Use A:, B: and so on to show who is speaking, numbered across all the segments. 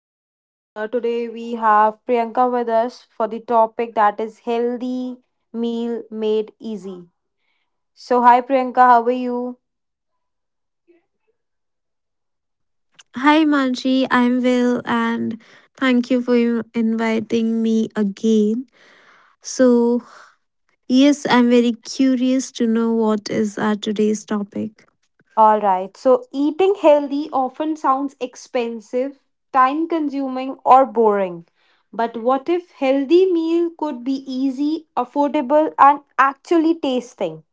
A: Today we have Priyanka with us for the topic that is healthy meal made easy. So hi Priyanka, how are you?
B: Hi Manji, I'm well and thank you for inviting me again. So, yes, I'm very curious to know what is our today's topic.
A: All right. So eating healthy often sounds expensive, time consuming or boring. But what if healthy meal could be easy, affordable and actually tasting?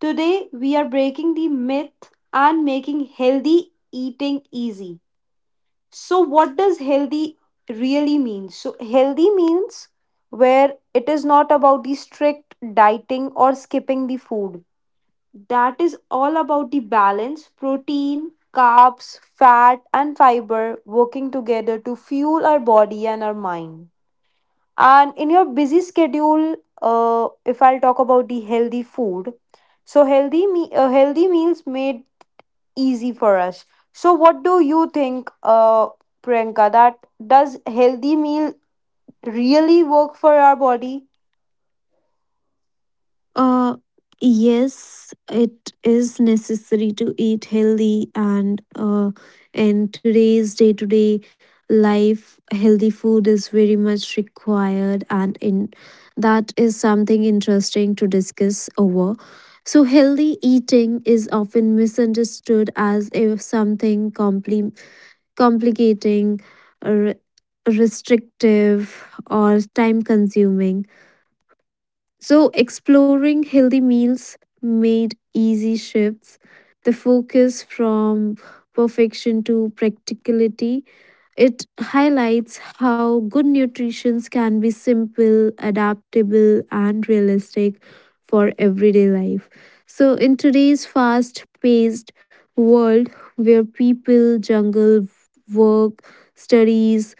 A: Today we are breaking the myth and making healthy eating easy. So what does healthy really mean? So healthy means where it is not about the strict dieting or skipping the food, that is all about the balance, protein, carbs, fat and fiber working together to fuel our body and our mind. And in your busy schedule, if I'll talk about the healthy food, so healthy meals made easy for us. So, what do you think, Priyanka? That does healthy meal really work for our body?
B: Uh, yes, it is necessary to eat healthy, and in today's day to day life, healthy food is very much required, and in that is something interesting to discuss over. So, healthy eating is often misunderstood as if something complicating, r- restrictive, or time consuming so, exploring healthy meals made easy shifts. The focus from perfection to practicality. It highlights how good nutrition can be simple, adaptable, and realistic for everyday life. So, in today's fast paced world where people jungle work, studies,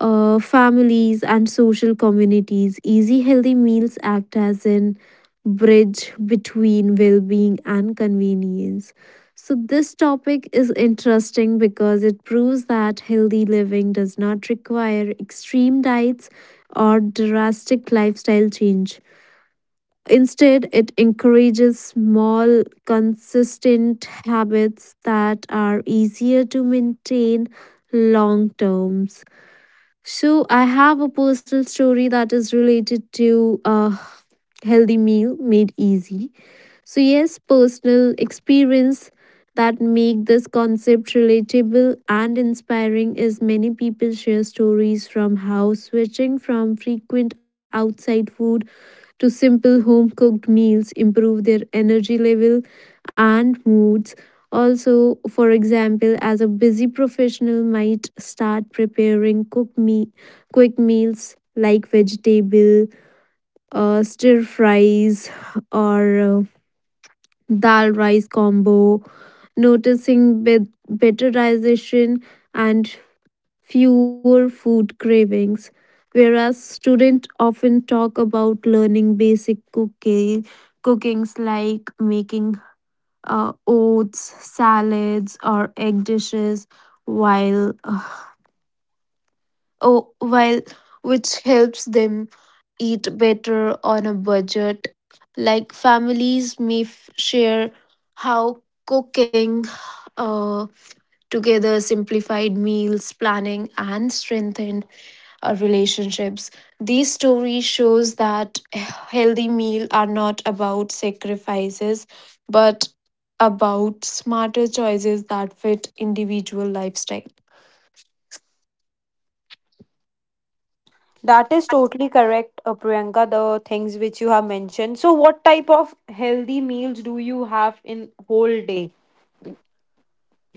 B: families and social communities. Easy, healthy meals act as an bridge between well being and convenience. So, this topic is interesting because it proves that healthy living does not require extreme diets or drastic lifestyle change. Instead, it encourages small, consistent habits that are easier to maintain long terms. So I have a personal story that is related to a healthy meal made easy. So yes, personal experience that make this concept relatable and inspiring is many people share stories from how switching from frequent outside food to simple home cooked meals improve their energy level and moods. Also, for example, as a busy professional might start preparing quick meals like vegetable, stir fries, or dal rice combo, noticing betterization and fewer food cravings. Whereas students often talk about learning basic cooking, cookings like making oats, salads, or egg dishes, while uh, oh, while which helps them eat better on a budget. Like families may share how cooking uh, together simplified meals planning and strengthened relationships. These stories shows that healthy meal are not about sacrifices, but about smarter choices that fit individual lifestyle.
A: That is totally correct, Priyanka. The things which you have mentioned. So, what type of healthy meals do you have in whole day?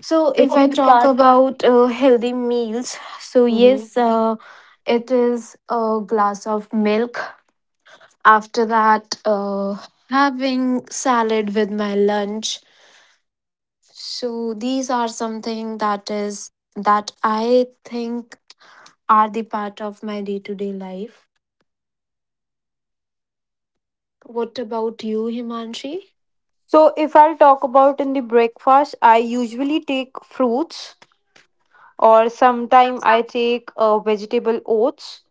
B: So,
A: If
B: if I
A: you
B: talk
A: start.
B: about healthy meals, so
A: Mhm.
B: yes, it is a glass of milk. After that, having salad with my lunch. So, these are something that is that I think are the part of my day to day life. What about you, Himanshi?
A: So, if I'll talk about in the breakfast, I usually take fruits, or sometime I take vegetable oats,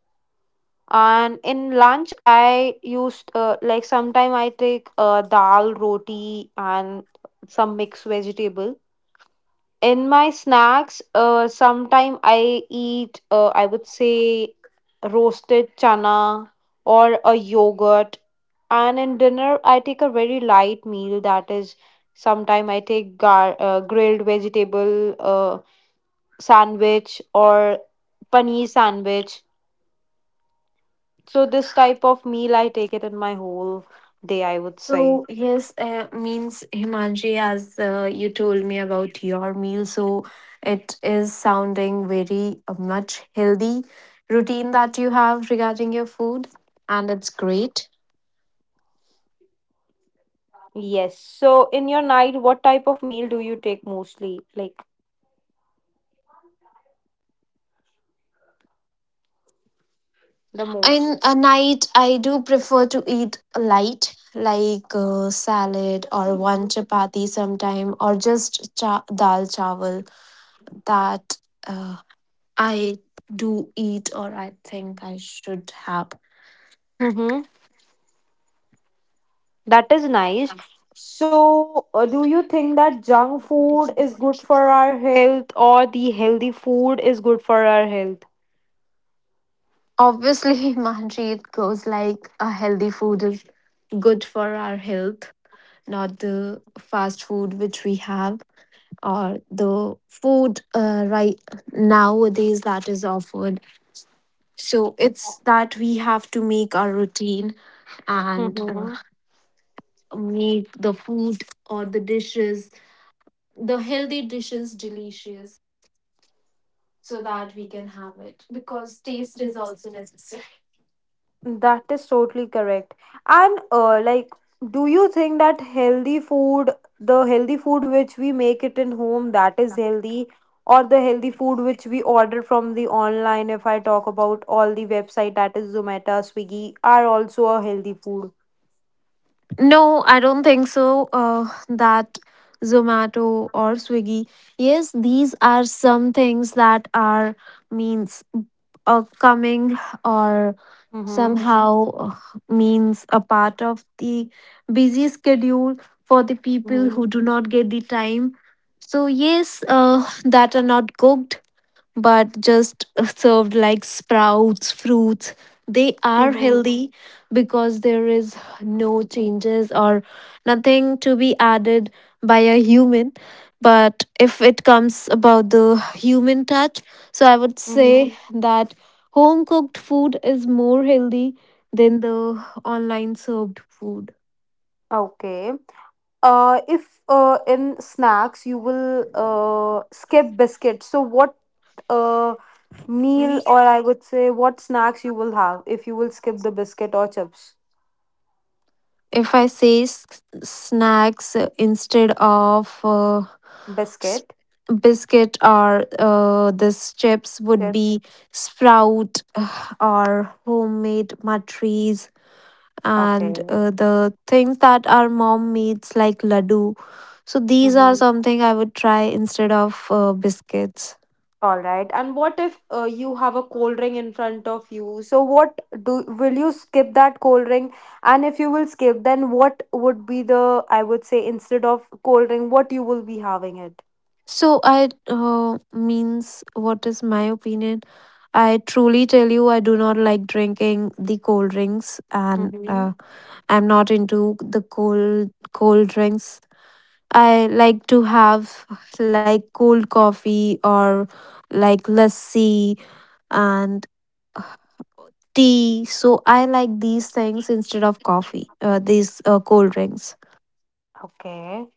A: and in lunch I used like sometime I take dal roti and some mixed vegetable. In my snacks, sometime I eat, I would say, roasted chana or a yogurt. And in dinner I take a very light meal, that is sometime I take grilled vegetable sandwich or paneer sandwich. So this type of meal, I take it in my whole day, I would say.
B: So yes, means Himanji, as you told me about your meal, so it is sounding very much healthy routine that you have regarding your food, and it's great.
A: Yes. So in your night, what type of meal do you take mostly? Like the most?
B: In a night, I do prefer to eat light, like salad or one chapati sometime, or just dal chawal that uh, I do eat or I think I should have.
A: Mm-hmm. That is nice. So, do you think that junk food is good for our health or the healthy food is good for our health?
B: Obviously, Manjeet goes like a healthy food is good for our health, not the fast food which we have or the food right nowadays that is offered. So it's that we have to make our routine and
A: Mm-hmm.
B: make the food or the dishes, the healthy dishes, delicious so that we can have it because taste is also necessary.
A: That is totally correct. And like, do you think that healthy food, the healthy food which we make it in home, that is healthy, or the healthy food which we order from the online? If I talk about all the website, that is Zomato, Swiggy, are also a healthy food.
B: No, I don't think so. That Zomato or Swiggy. Yes, these are some things that are means coming or
A: Mm-hmm.
B: somehow means a part of the busy schedule for the people
A: Mm-hmm.
B: who do not get the time. So yes, that are not cooked but just served like sprouts, fruits. They are
A: Mm-hmm.
B: healthy because there is no changes or nothing to be added by a human. But if it comes about the human touch, so I would
A: Mm-hmm.
B: say that home cooked food is more healthy than the online served food.
A: Okay. If in snacks you will skip biscuits, so what uh, meal or I would say what snacks you will have if you will skip the biscuit or chips?
B: If I say snacks instead of s-
A: Biscuit.
B: biscuit or this chips would
A: Chips.
B: be sprout or homemade matris and
A: Okay.
B: the things that our mom makes like laddu, so these are
A: Mm-hmm.
B: something I would try instead of biscuits.
A: All right, and what if you have a cold ring in front of you, so what do will you skip that cold ring? And if you will skip, then what would be the, I would say, instead of cold ring what you will be having it?
B: So I means, what is my opinion, I truly tell you I do not like drinking the cold drinks and
A: Mm-hmm.
B: I'm not into the cold drinks. I like to have like cold coffee or like lassi and uh, tea. So I like these things instead of coffee, these cold drinks.
A: Okay.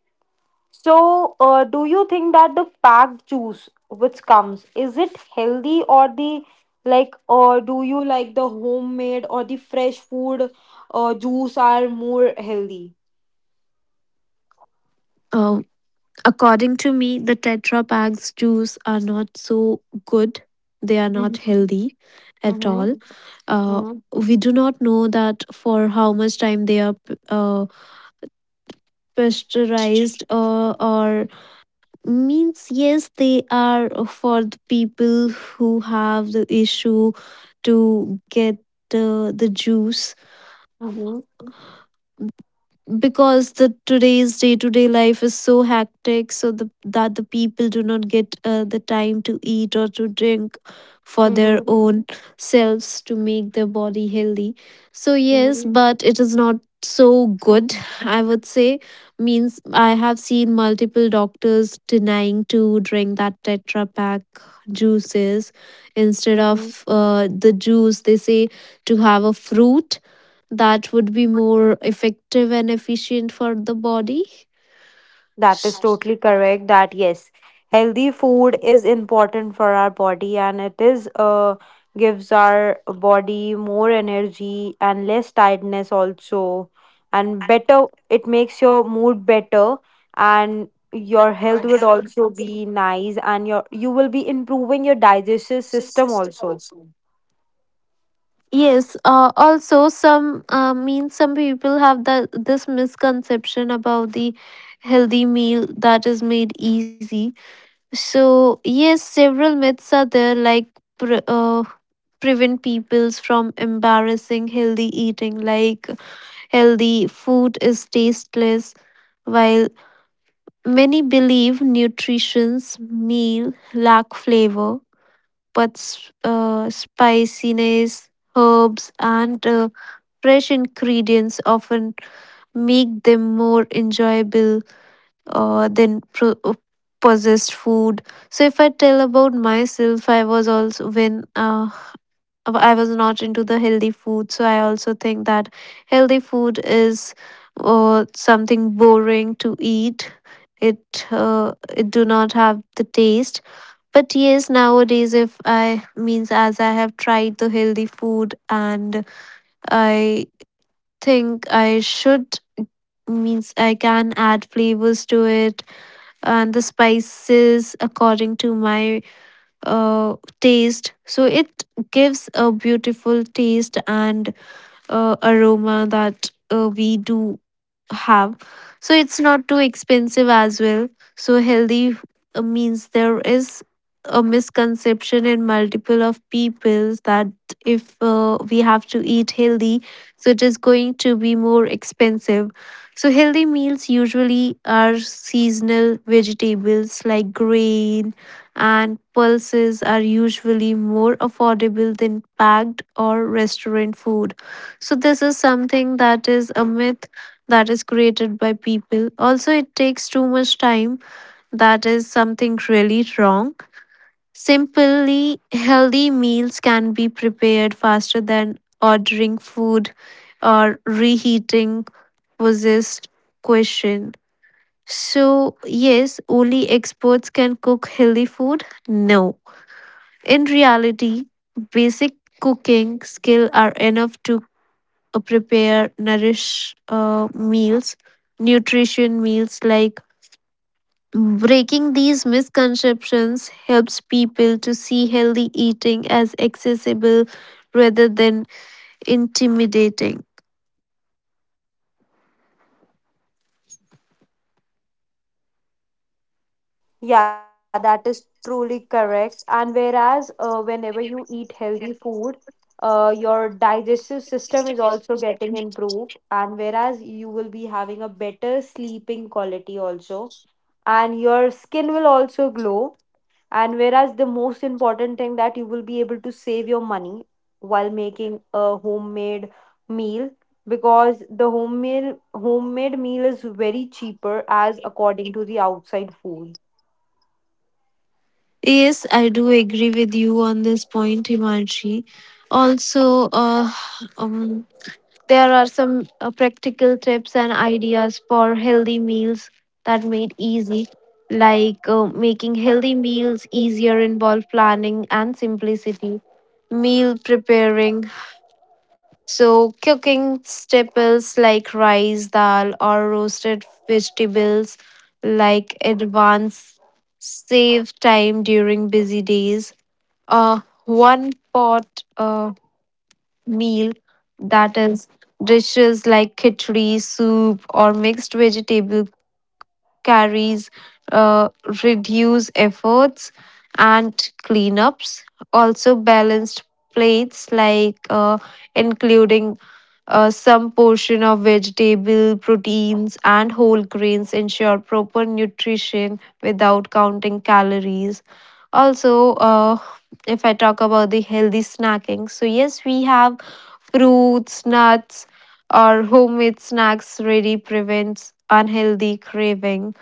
A: So, do you think that the packed juice which comes is it healthy, or the, like, or do you like the homemade or the fresh food juice are more healthy?
B: Um, According to me, the Tetra Packs juice are not so good. They are
A: Mm-hmm.
B: not healthy at
A: Mm-hmm.
B: all. Uh,
A: Mm-hmm.
B: we do not know that for how much time they are pasteurized or means yes they are for the people who have the issue to get the juice because the today's day-to-day life is so hectic so the, that the people do not get the time to eat or to drink for their
A: Mm-hmm.
B: own selves to make their body healthy. So yes,
A: Mm-hmm.
B: but it is not so good, I would say. Means, I have seen multiple doctors denying to drink that tetra pack juices. Instead
A: True.
B: of the juice they say to have a fruit that would be more effective and efficient for the body.
A: That is totally correct. That yes, healthy food is important for our body, and it is gives our body more energy and less tiredness also, and better. It makes your mood better, and your health would also be nice, and you will be improving your digestive system also.
B: Yes, also some means some people have the this misconception about the healthy meal that is made easy. So yes, several myths are there like pre- uh, prevent peoples from embarrassing healthy eating, like healthy food is tasteless, while many believe nutrition's meal lack flavor, but spiciness, herbs, and fresh ingredients often make them more enjoyable than processed food. So, if I tell about myself, I was also when I was not into the healthy food. So I also think that healthy food is something boring to eat. It do not have the taste. But yes, nowadays, if I means as I have tried the healthy food and I think I should means I can add flavors to it and the spices according to my taste. So it gives a beautiful taste and aroma that we do have. So it's not too expensive as well. So healthy means, there is a misconception in multiple of peoples that if we have to eat healthy so it is going to be more expensive. So healthy meals, usually are seasonal vegetables like grain and pulses, are usually more affordable than packed or restaurant food. So this is something that is a myth that is created by people. Also, it takes too much time. That is something really wrong. Simply, healthy meals can be prepared faster than ordering food or reheating possessed question. So, yes, only experts can cook healthy food? No. In reality, basic cooking skills are enough to prepare nourish meals, nutrition meals, like breaking these misconceptions helps people to see healthy eating as accessible rather than intimidating.
A: Yeah, that is truly correct. And whereas whenever you eat healthy food, your digestive system is also getting improved, and whereas you will be having a better sleeping quality also, and your skin will also glow. And whereas the most important thing that you will be able to save your money while making a homemade meal, because the homemade meal is very cheaper as according to the outside food.
B: Yes, I do agree with you on this point, Himanshi. Also, um, there are some practical tips and ideas for healthy meals that made easy, like making healthy meals easier involve planning and simplicity. Meal preparing, so cooking staples like rice, dal, or roasted vegetables, like advance, save time during busy days. One pot. Meal, that is dishes like khichdi soup or mixed vegetable carries, uh, reduce efforts and cleanups. Also balanced plates like including some portion of vegetable proteins and whole grains ensure proper nutrition without counting calories. Also if I talk about the healthy snacking, so yes we have fruits, nuts, or homemade snacks really prevents unhealthy craving.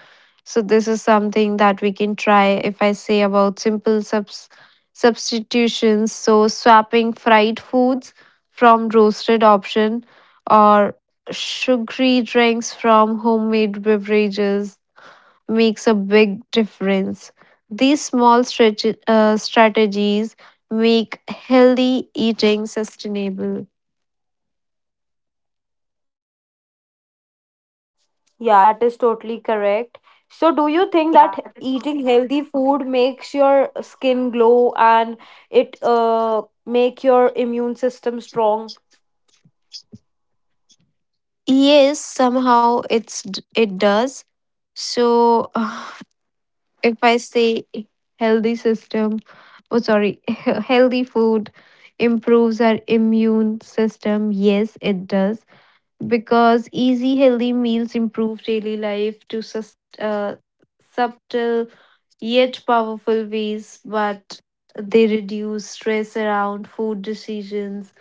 B: So this is something that we can try if I say about simple substitutions. So swapping fried foods from roasted option or sugary drinks from homemade beverages makes a big difference. These small strategies make healthy eating sustainable.
A: Yeah, that is totally correct. So, do you think that eating healthy food makes your skin glow and it make your immune system strong?
B: Yes, somehow it does. So, if I say healthy system, oh sorry, healthy food improves our immune system. Yes, it does, because easy healthy meals improve daily life to subtle yet powerful ways, but they reduce stress around food decisions,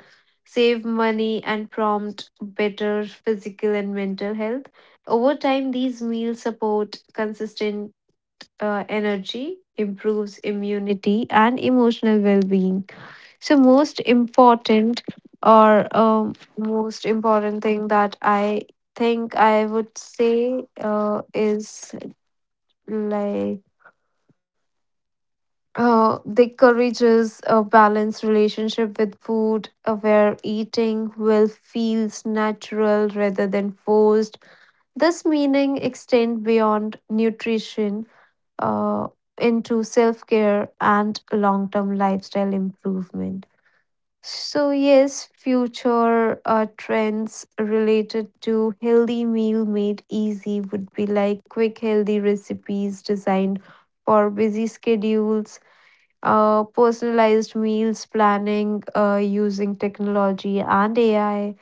B: save money, and prompt better physical and mental health. Over time, these meals support consistent energy, improves immunity, and emotional well being. So, most important thing that I think I would say is like they encourages a balanced relationship with food, where eating will feels natural rather than forced. This meaning extend beyond nutrition uh, into self care and long term lifestyle improvement. So yes, future trends related to healthy meal made easy would be like quick healthy recipes designed for busy schedules, personalized meals planning using technology and AI,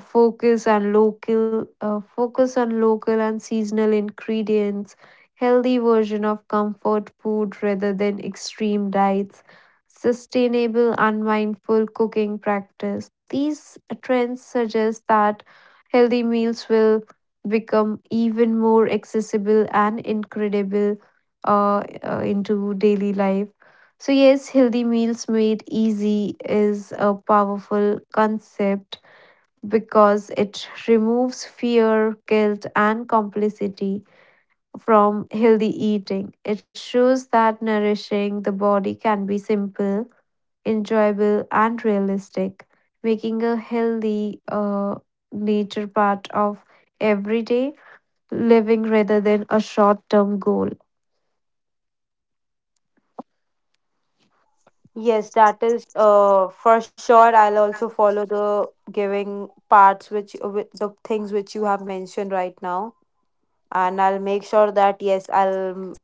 B: focus on local and seasonal ingredients, healthy version of comfort food rather than extreme diets, sustainable and mindful cooking practice. These trends suggest that healthy meals will become even more accessible and incredible into daily life. So yes, healthy meals made easy is a powerful concept because it removes fear, guilt, and complicity from healthy eating. It shows that nourishing the body can be simple, enjoyable, and realistic, making a healthy nature part of everyday living rather than a short term goal.
A: Yes, that is for sure. I'll also follow the giving parts which with the things which you have mentioned right now, and I'll make sure that yes, I'll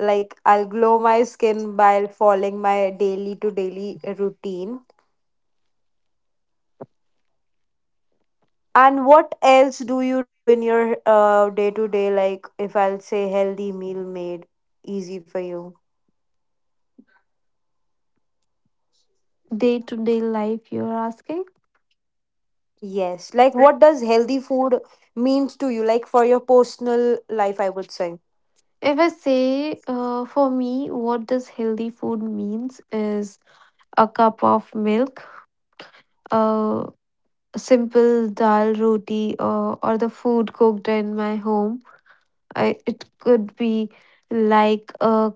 A: like I'll glow my skin by following my daily to daily routine. And what else do you do in your day-to-day, like if I'll say healthy meal made easy for you?
B: Day to day life, you're asking?
A: Yes. Like what does healthy food means to you, like for your personal life, I would say.
B: If I say, for me, what does healthy food means is a cup of milk, a simple dal roti or the food cooked in my home. I, it could be like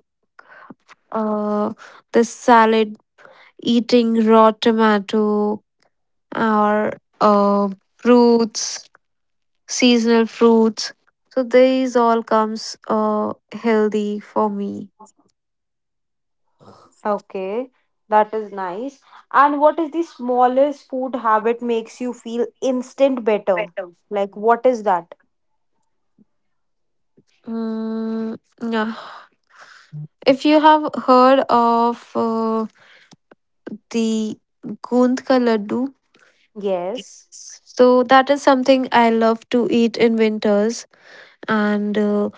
B: uh, the salad, eating raw tomato or uh, fruits, seasonal fruits. So these all comes healthy for me.
A: Okay, that is nice. And what is the smallest food habit makes you feel instant better?
B: Better.
A: Like what is that?
B: Mm, yeah. If you have heard of the Gund ka laddu,
A: Yes.
B: so that is something I love to eat in winters, and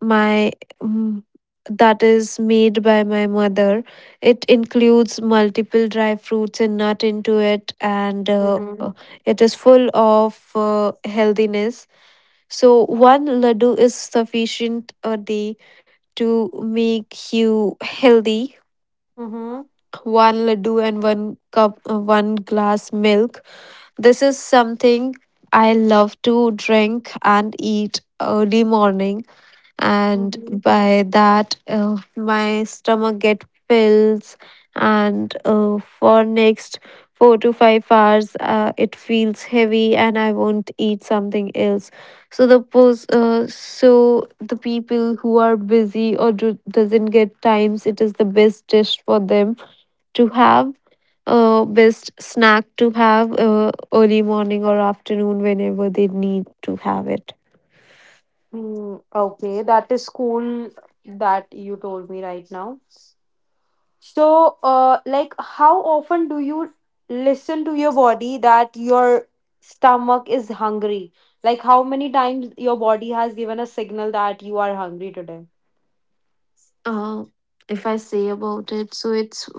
B: my mm, that is made by my mother. It includes multiple dry fruits and nut into it, and
A: Mm-hmm.
B: it is full of healthiness. So one laddu is sufficient a day to make you healthy.
A: Mm-hmm.
B: One laddu and one cup, one glass milk. This is something I love to drink and eat early morning, and
A: Mm-hmm.
B: by that, my stomach get fills, and for next 4 to 5 hours, it feels heavy, and I won't eat something else. So the So the people who are busy or doesn't get times, it is the best dish for them to have, best snack to have, early morning or afternoon whenever they need to have it.
A: Mm, okay, that is cool that you told me right now. So, like, how often do you listen to your body that your stomach is hungry? Like, how many times your body has given a signal that you are hungry today?
B: uh, if I say about it, so it's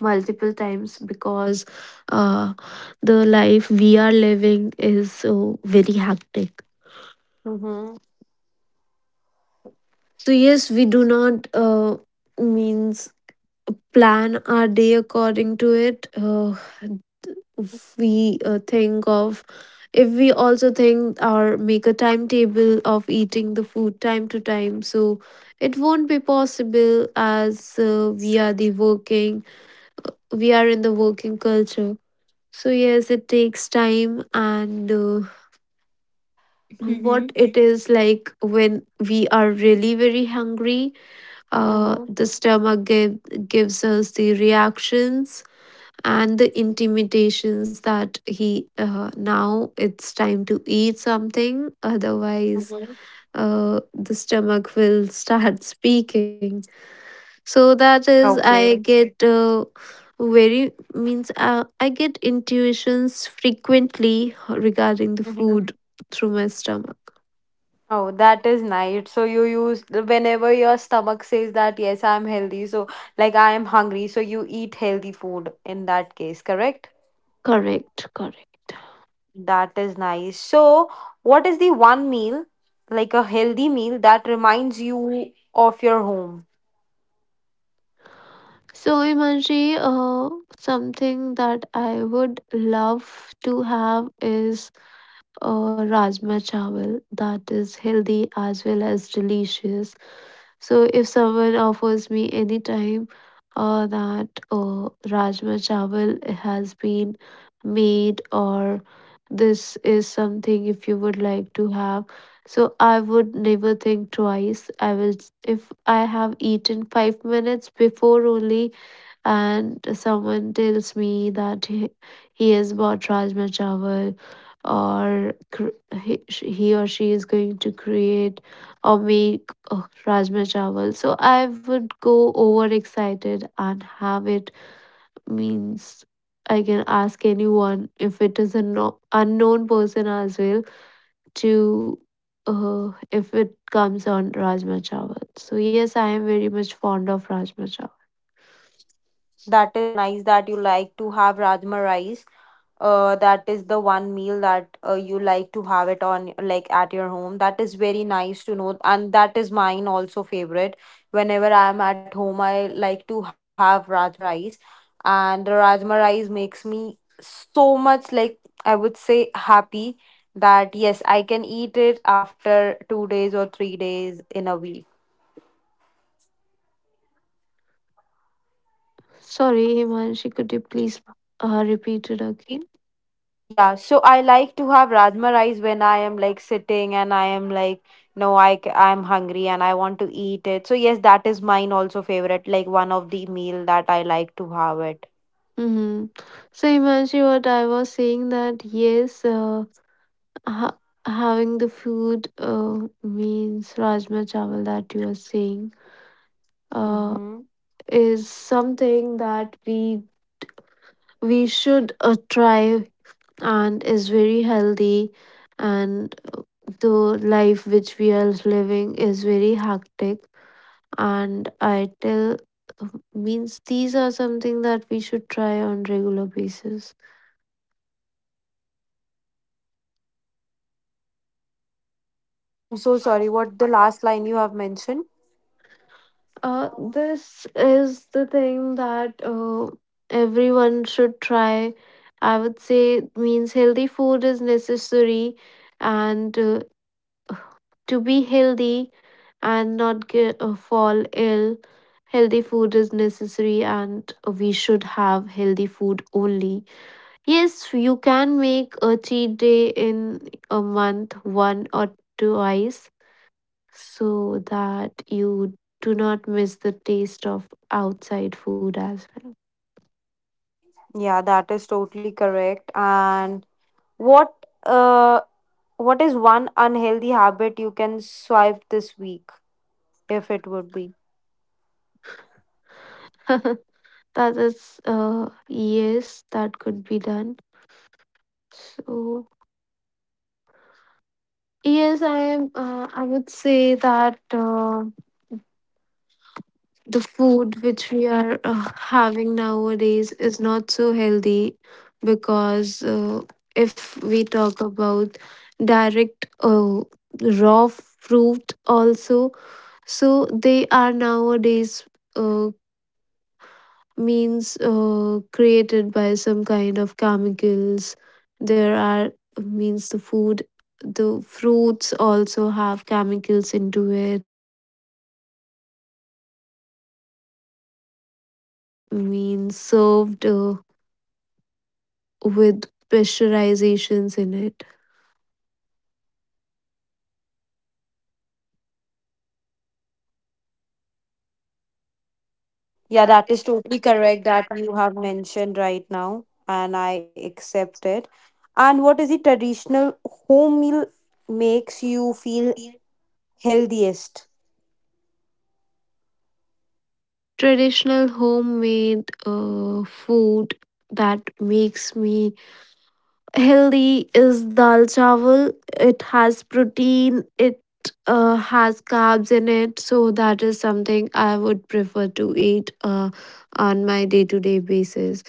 B: multiple times because uh, the life we are living is so very hectic.
A: Mm-hmm.
B: So yes, we do not means plan our day according to it. We think of, if we also think or make a timetable of eating the food time to time, so it won't be possible, as we are the working, we are in the working culture. So yes, it takes time, and what
A: Mm-hmm.
B: it is like when we are really very hungry, uh the
A: Mm-hmm.
B: stomach give, gives us the reactions and the intimidations that he, now it's time to eat something, otherwise
A: Mm-hmm.
B: the stomach will start speaking. So that
A: Okay.
B: is, I get very, means, I get intuitions frequently regarding the
A: Mm-hmm.
B: food through my stomach.
A: Oh, that is nice. So you use whenever your stomach says that yes, I'm healthy. So like I am hungry. So you eat healthy food in that case, correct?
B: Correct, correct.
A: That is nice. So, what is the one meal, like a healthy meal, that reminds you of your home?
B: So Imanji, uh, something that I would love to have is or rajma chawal, that is healthy as well as delicious. So if someone offers me any time that rajma chawal has been made, or this is something if you would like to have, so I would never think twice. I will, if I have eaten 5 minutes before only and someone tells me that he has bought Rajma Chawal, or he or she is going to create or make Rajma Chawal. So I would go overexcited and have it. Means, I can ask anyone.
A: That is nice that you like to have Rajma rice. That is the one meal that you like to have it on like at your home. That is very nice to know, and that is mine also favorite. Whenever I am at home, I like to have Rajma rice, and the Rajma rice makes me so much like, I would say, happy, that yes, I can eat it after 2 days or 3 days in a week. Yeah, so I like to have rajma rice when I am like sitting and I am like, no, I am hungry and I want to eat it. So yes, that is mine also favorite, like one of the meal that I like to have it. Mm-hmm. I'm so sorry. What the last line you have mentioned? Yeah, that is totally correct. And what uh, what is one unhealthy habit you can swipe this week if it would be?
C: Means served with pressurizations in it.
A: Yeah,
C: That
A: that
C: is
A: is totally
C: totally
A: correct
C: correct.
A: that
C: That
A: you have mentioned right now, and I accept it. And what is the traditional home meal makes you feel
C: means
A: healthiest?
C: traditional homemade food that makes me healthy is dal chawal. It has protein, it has carbs in it, so that is something I would prefer to eat on my day to day basis.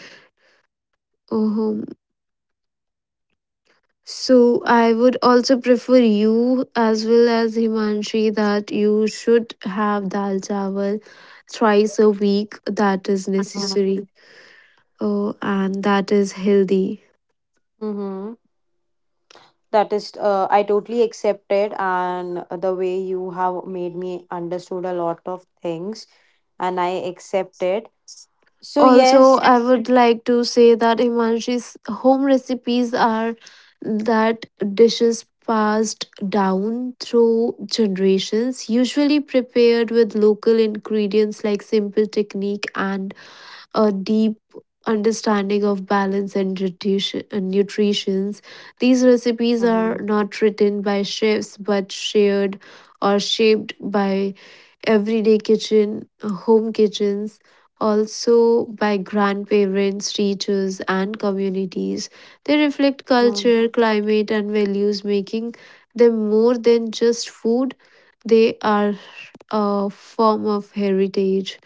C: uh So I would also prefer you as well as Himanshi that you should have dal chawal thrice a week. That is necessary. Oh, and that is healthy.
A: Mm-hmm. That is, I totally accept it, and the way you have made me understood a lot of things, and I accept it. So
C: Also,
A: yes,
C: I would like to say that Himanshi's home recipes are that dishes passed down through generations, usually prepared with local ingredients like simple technique and a deep understanding of balance and nutritions. These recipes
A: Mhm.
C: are not written by chefs but shared or shaped by home kitchens, also by grandparents, teachers, and communities. They reflect
A: Mm,
C: culture, climate, and values, making them more than just food. They are a form of heritage.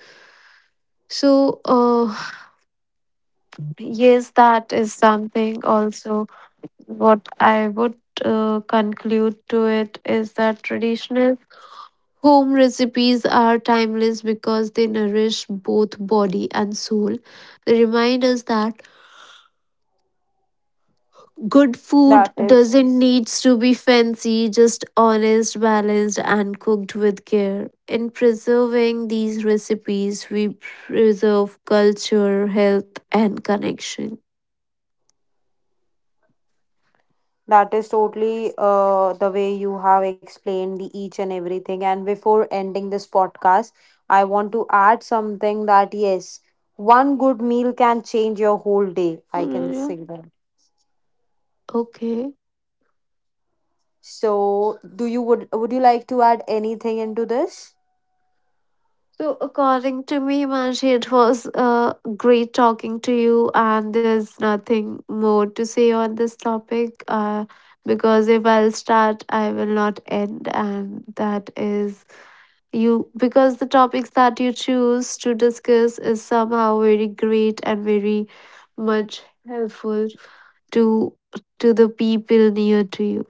C: So yes, that is something also what I would conclude to it is that traditional home recipes are timeless because they nourish both body and soul. They remind us that good food
A: that is,
C: doesn't needs to be fancy, just honest, balanced and cooked with care. In preserving these recipes, we preserve culture, health and connection.
A: that is totally the way you have explained the each and everything. And before ending this podcast, I want to add something that yes, one good meal can change your whole day. I
C: Oh, yeah,
A: can
C: yeah.
A: say that.
C: Okay.
A: So, do you would you like to add anything into this?
C: So, according to me, Manshi, it was great talking to you, and there's nothing more to say on this topic because if I'll start, I will not end. And that is you, because the topics that you choose to discuss is somehow very great and very much helpful to to the people near to you.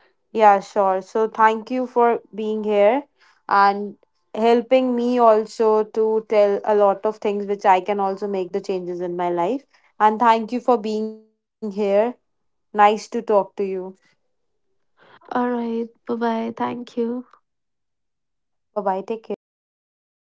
A: Yeah, sure. So, thank you for being here and helping me also to tell a lot of things which I can also make the changes in my life. And thank you for being here. Nice to talk to you.
C: All right, bye bye. Thank you.
A: Bye bye. Take care.